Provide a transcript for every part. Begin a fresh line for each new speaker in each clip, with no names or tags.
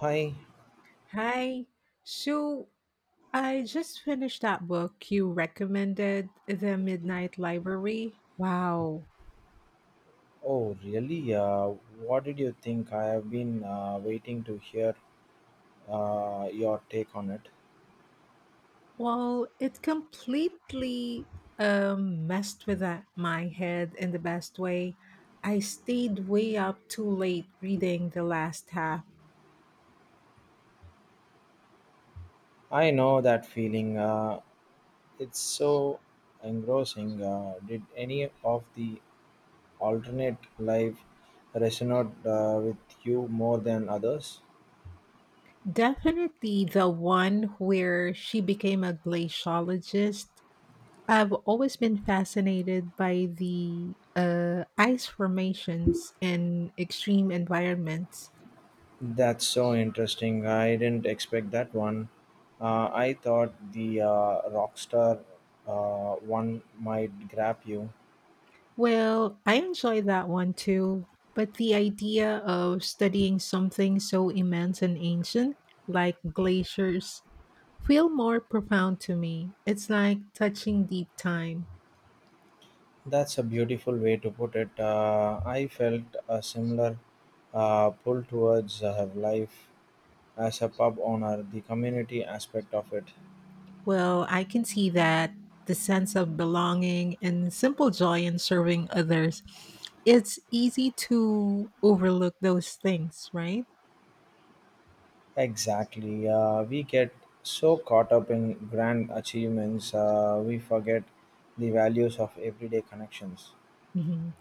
Hi.
Hi. So I just finished that book you recommended, The Midnight Library. Wow.
Oh, really? What did you think? I have been waiting to hear your take on it.
Well, it completely messed with that, my head in the best way. I stayed way up too late reading the last half.
I know that feeling. It's so engrossing. Did any of the alternate life resonate with you more than others?
Definitely the one where she became a glaciologist. I've always been fascinated by the ice formations in extreme environments.
That's so interesting. I didn't expect that one. I thought the Rockstar one might grab you.
Well, I enjoy that one too, but the idea of studying something so immense and ancient, like glaciers, feel more profound to me. It's like touching deep time.
That's a beautiful way to put it. I felt a similar pull towards life as a pub owner, the community aspect of it.
Well, I can see that the sense of belonging and simple joy in serving others. It's easy to overlook those things, right?
Exactly. We get so caught up in grand achievements, we forget the values of everyday connections.
Mhm.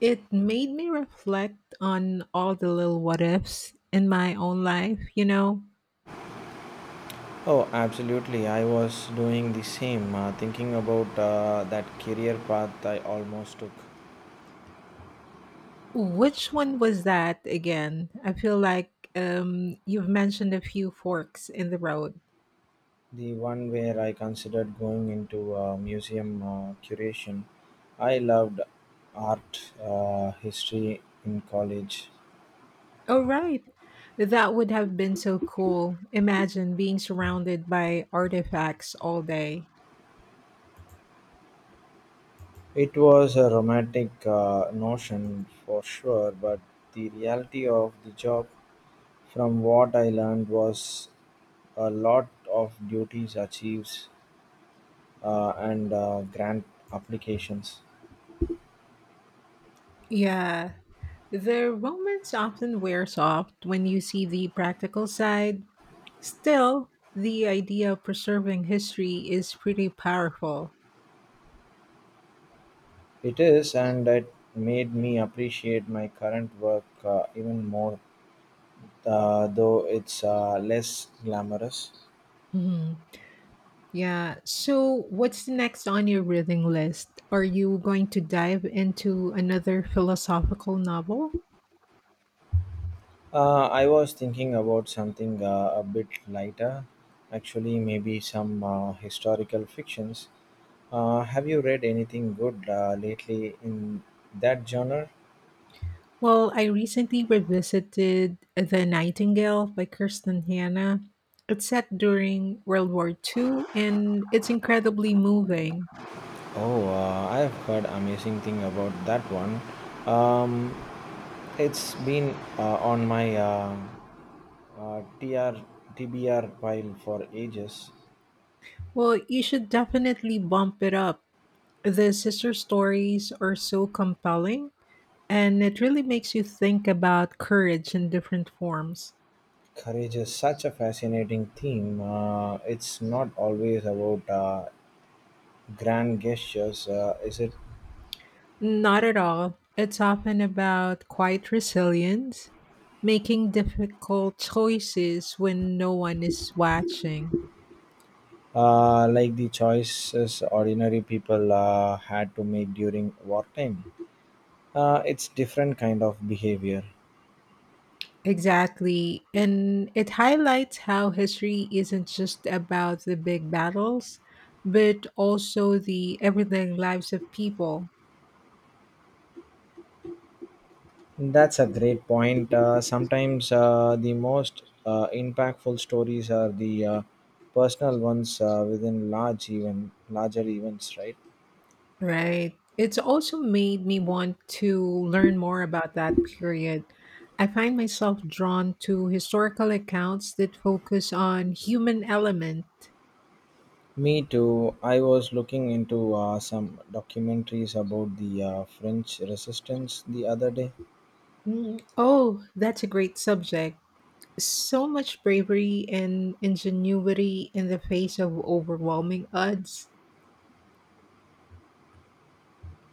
It made me reflect on all the little what ifs in my own life?
Oh, absolutely. I was doing the same, thinking about that career path I almost took.
Which one was that again? I feel like you've mentioned a few forks in the road.
The one where I considered going into museum curation. I loved art history in college.
Oh, right. That would have been so cool. Imagine being surrounded by artifacts all day.
It was a romantic notion for sure, but the reality of the job, from what I learned, was a lot of duties, achieves, and grant applications.
Yeah, the romance often wears off when you see the practical side. Still, the idea of preserving history is pretty powerful.
It is, and it made me appreciate my current work even more, though it's less glamorous.
Mhm. Yeah, so what's next on your reading list? Are you going to dive into another philosophical novel?
I was thinking about something a bit lighter, actually, maybe some historical fictions. Have you read anything good lately in that genre?
Well, I recently revisited The Nightingale by Kirsten Hanna. It's set during World War Two, and it's incredibly moving.
Oh, I have heard amazing thing about that one. Um, it's been on my TR TBR pile for ages.
Well, you should definitely bump it up. The sister stories are so compelling, and it really makes you think about courage in different forms.
Courage is such a fascinating theme. It's not always about grand gestures, is it?
Not at all. It's often about quiet resilience, making difficult choices when no one is watching.
Like the choices ordinary people had to make during wartime. It's different kind of behavior.
Exactly. And it highlights how history isn't just about the big battles, but also the everyday lives of people.
That's a great point. Sometimes the most impactful stories are the personal ones within large even larger events, right?
Right. It's also made me want to learn more about that period. I find myself drawn to historical accounts that focus on human element.
Me too. I was looking into some documentaries about the French resistance the other day.
Mm, oh, that's a great subject. So much bravery and ingenuity in the face of overwhelming odds.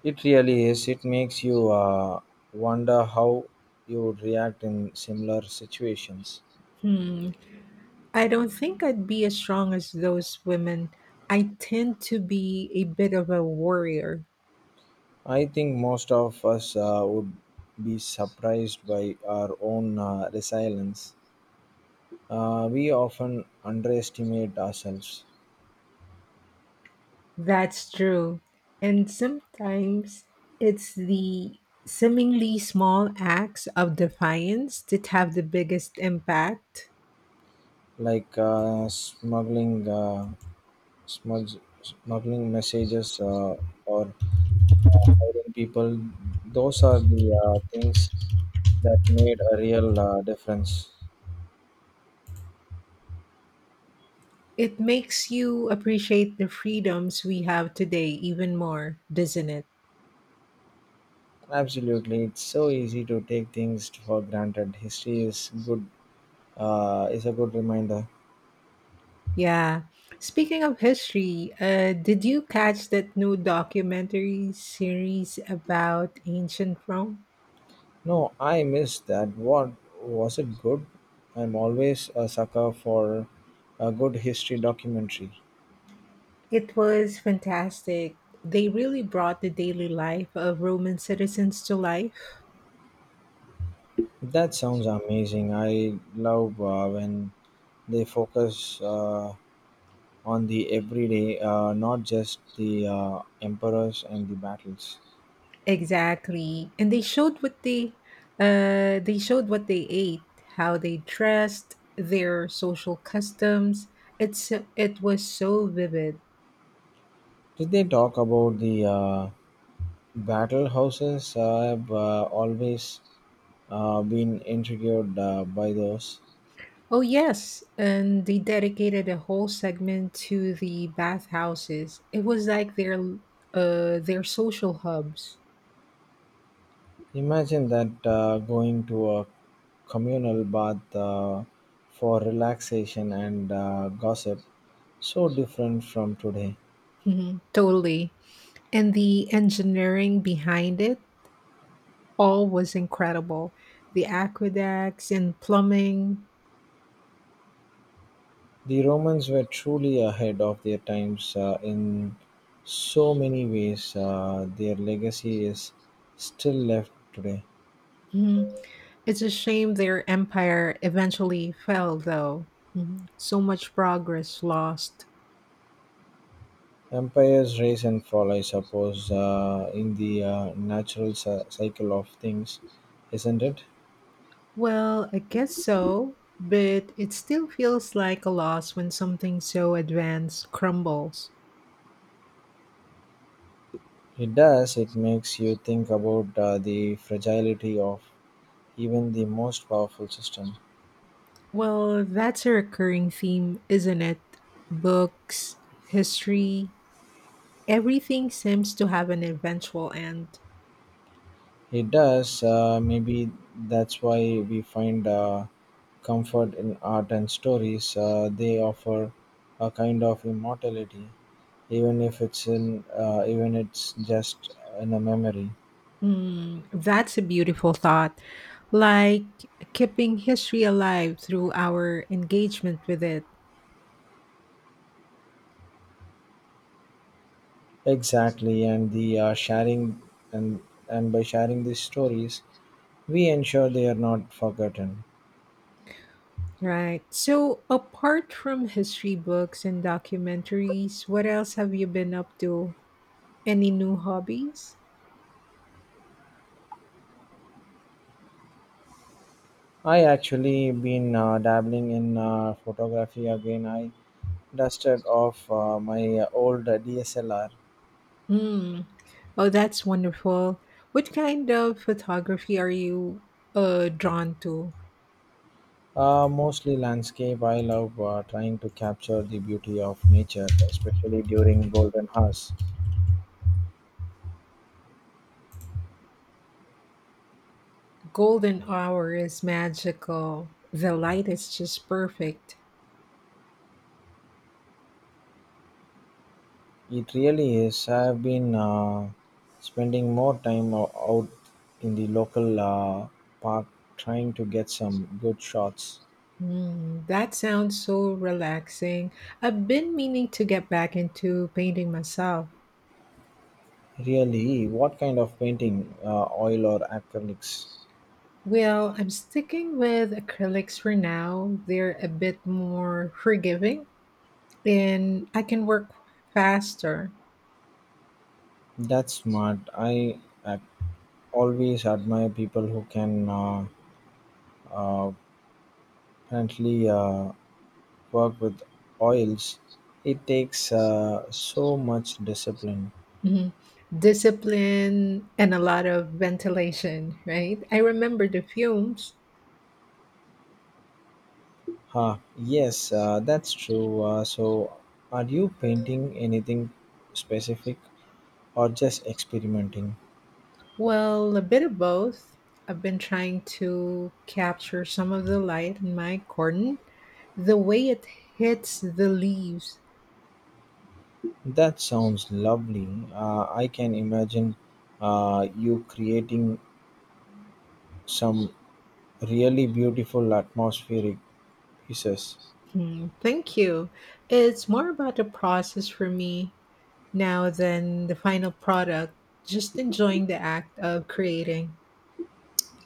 It really is. It makes you wonder how you would react in similar situations.
Hmm. I don't think I'd be as strong as those women. I tend to be a bit of a warrior.
I think most of us would be surprised by our own resilience. We often underestimate ourselves,
That's true. And sometimes it's the seemingly small acts of defiance that have the biggest impact.
like smuggling messages or hiring people. Those are the things that made a real difference.
It makes you appreciate the freedoms we have today even more, doesn't it?
Absolutely, it's so easy to take things for granted. History is a good reminder.
Yeah. Speaking of history, did you catch that new documentary series about ancient Rome?
No, I missed that. What was it good? I'm always a sucker for a good history documentary.
It was fantastic. They really brought the daily life of Roman citizens to life.
That sounds amazing. I love when they focus on the everyday, not just the emperors and the battles.
Exactly. And they showed what they ate, how they dressed, their social customs. It was so vivid.
Did they talk about the battle houses? I've always been intrigued by those.
Oh yes, and they dedicated a whole segment to the bathhouses. It was like their social hubs.
Imagine that, going to a communal bath for relaxation and gossip, so different from today.
Mhm, totally. And the engineering behind it all was incredible. The aqueducts and plumbing.
The Romans were truly ahead of their times in so many ways. Their legacy is still left today.
Mhm. It's a shame their empire eventually fell, though. Mhm. So much progress lost.
Empires rise and fall, I suppose, in the natural cycle of things, isn't it?
Well, I guess so, but it still feels like a loss when something so advanced crumbles.
It does. It makes you think about the fragility of even the most powerful system.
Well, that's a recurring theme, isn't it? Books, history, everything seems to have an eventual end.
It does. Maybe that's why we find comfort in art and stories. They offer a kind of immortality, even if it's just in a memory.
Hmm, that's a beautiful thought. Like keeping history alive through our engagement with it.
Exactly, and and by sharing these stories, we ensure they are not forgotten.
Right. So, apart from history books and documentaries, what else have you been up to? Any new hobbies?
I actually been dabbling in photography again. I dusted off my old DSLR,
Hmm. Oh, that's wonderful. What kind of photography are you drawn to?
mostly landscape. I love trying to capture the beauty of nature, especially during golden hours.
Golden hour is magical. The light is just perfect.
It really is. I've been spending more time out in the local park trying to get some good shots.
Hmm. That sounds so relaxing. I've been meaning to get back into painting myself.
Really, what kind of painting? Oil or acrylics?
Well, I'm sticking with acrylics for now. They're a bit more forgiving and I can work faster.
That's smart. I always admire people who can uh, apparently work with oils. It takes so much discipline.
Mhm. Discipline and a lot of ventilation, right? I remember the fumes.
Huh, yes, that's true. So, are you painting anything specific or just experimenting?
Well, a bit of both. I've been trying to capture some of the light in my garden, the way it hits the leaves.
That sounds lovely. I can imagine you creating some really beautiful atmospheric pieces.
Hmm, thank you. It's more about the process for me now than the final product, just enjoying the act of creating.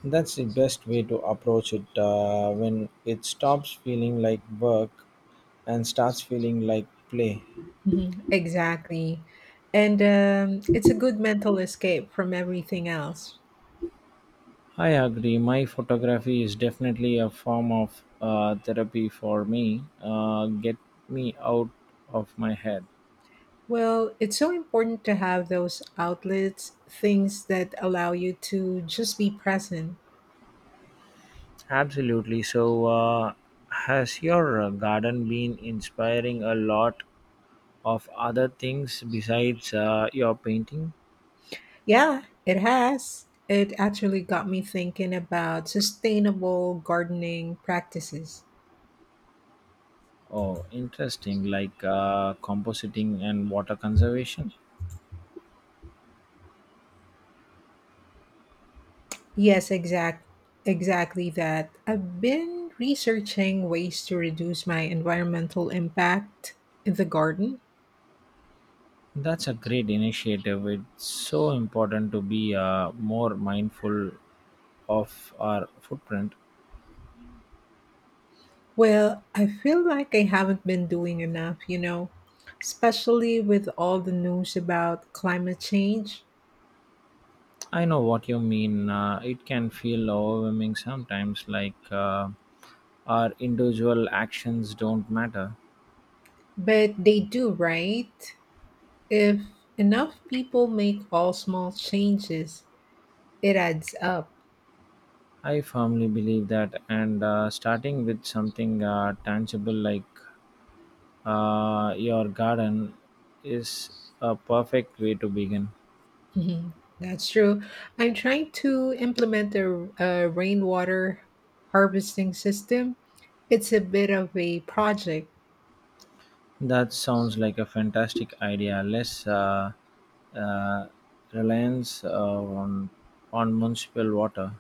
That's the best way to approach it when it stops feeling like work and starts feeling like play.
Mhm, exactly. And it's a good mental escape from everything else.
I agree. My photography is definitely a form of therapy for me. Get me out of my head.
Well, it's so important to have those outlets, things that allow you to just be present.
Absolutely. So, has your garden been inspiring a lot of other things besides your painting?
Yeah, it has. It actually got me thinking about sustainable gardening practices.
Oh, interesting, like compositing and water conservation.
Yes, exactly that. I've been researching ways to reduce my environmental impact in the garden.
That's a great initiative. It's so important to be more mindful of our footprint.
Well, I feel like I haven't been doing enough, especially with all the news about climate change.
I know what you mean. It can feel overwhelming sometimes, like our individual actions don't matter.
But they do, right? If enough people make all small changes, it adds up.
I firmly believe that, and starting with something tangible like your garden is a perfect way to begin.
Mhm. That's true. I'm trying to implement a rainwater harvesting system. It's a bit of a project.
That sounds like a fantastic idea. Less uh, reliance on municipal water.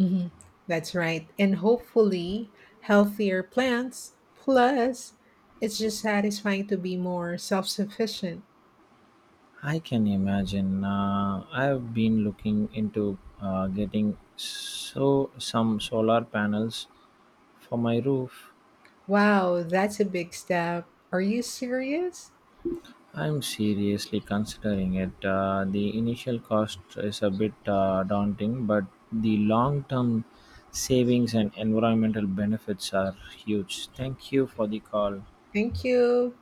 Mhm. That's right. And hopefully, healthier plants. Plus, it's just satisfying to be more self sufficient.
I can imagine. I've been looking into getting some solar panels for my roof.
Wow, that's a big step. Are you serious?
I'm seriously considering it. The initial cost is a bit daunting, but the long-term savings and environmental benefits are huge. Thank you for the call.
Thank you.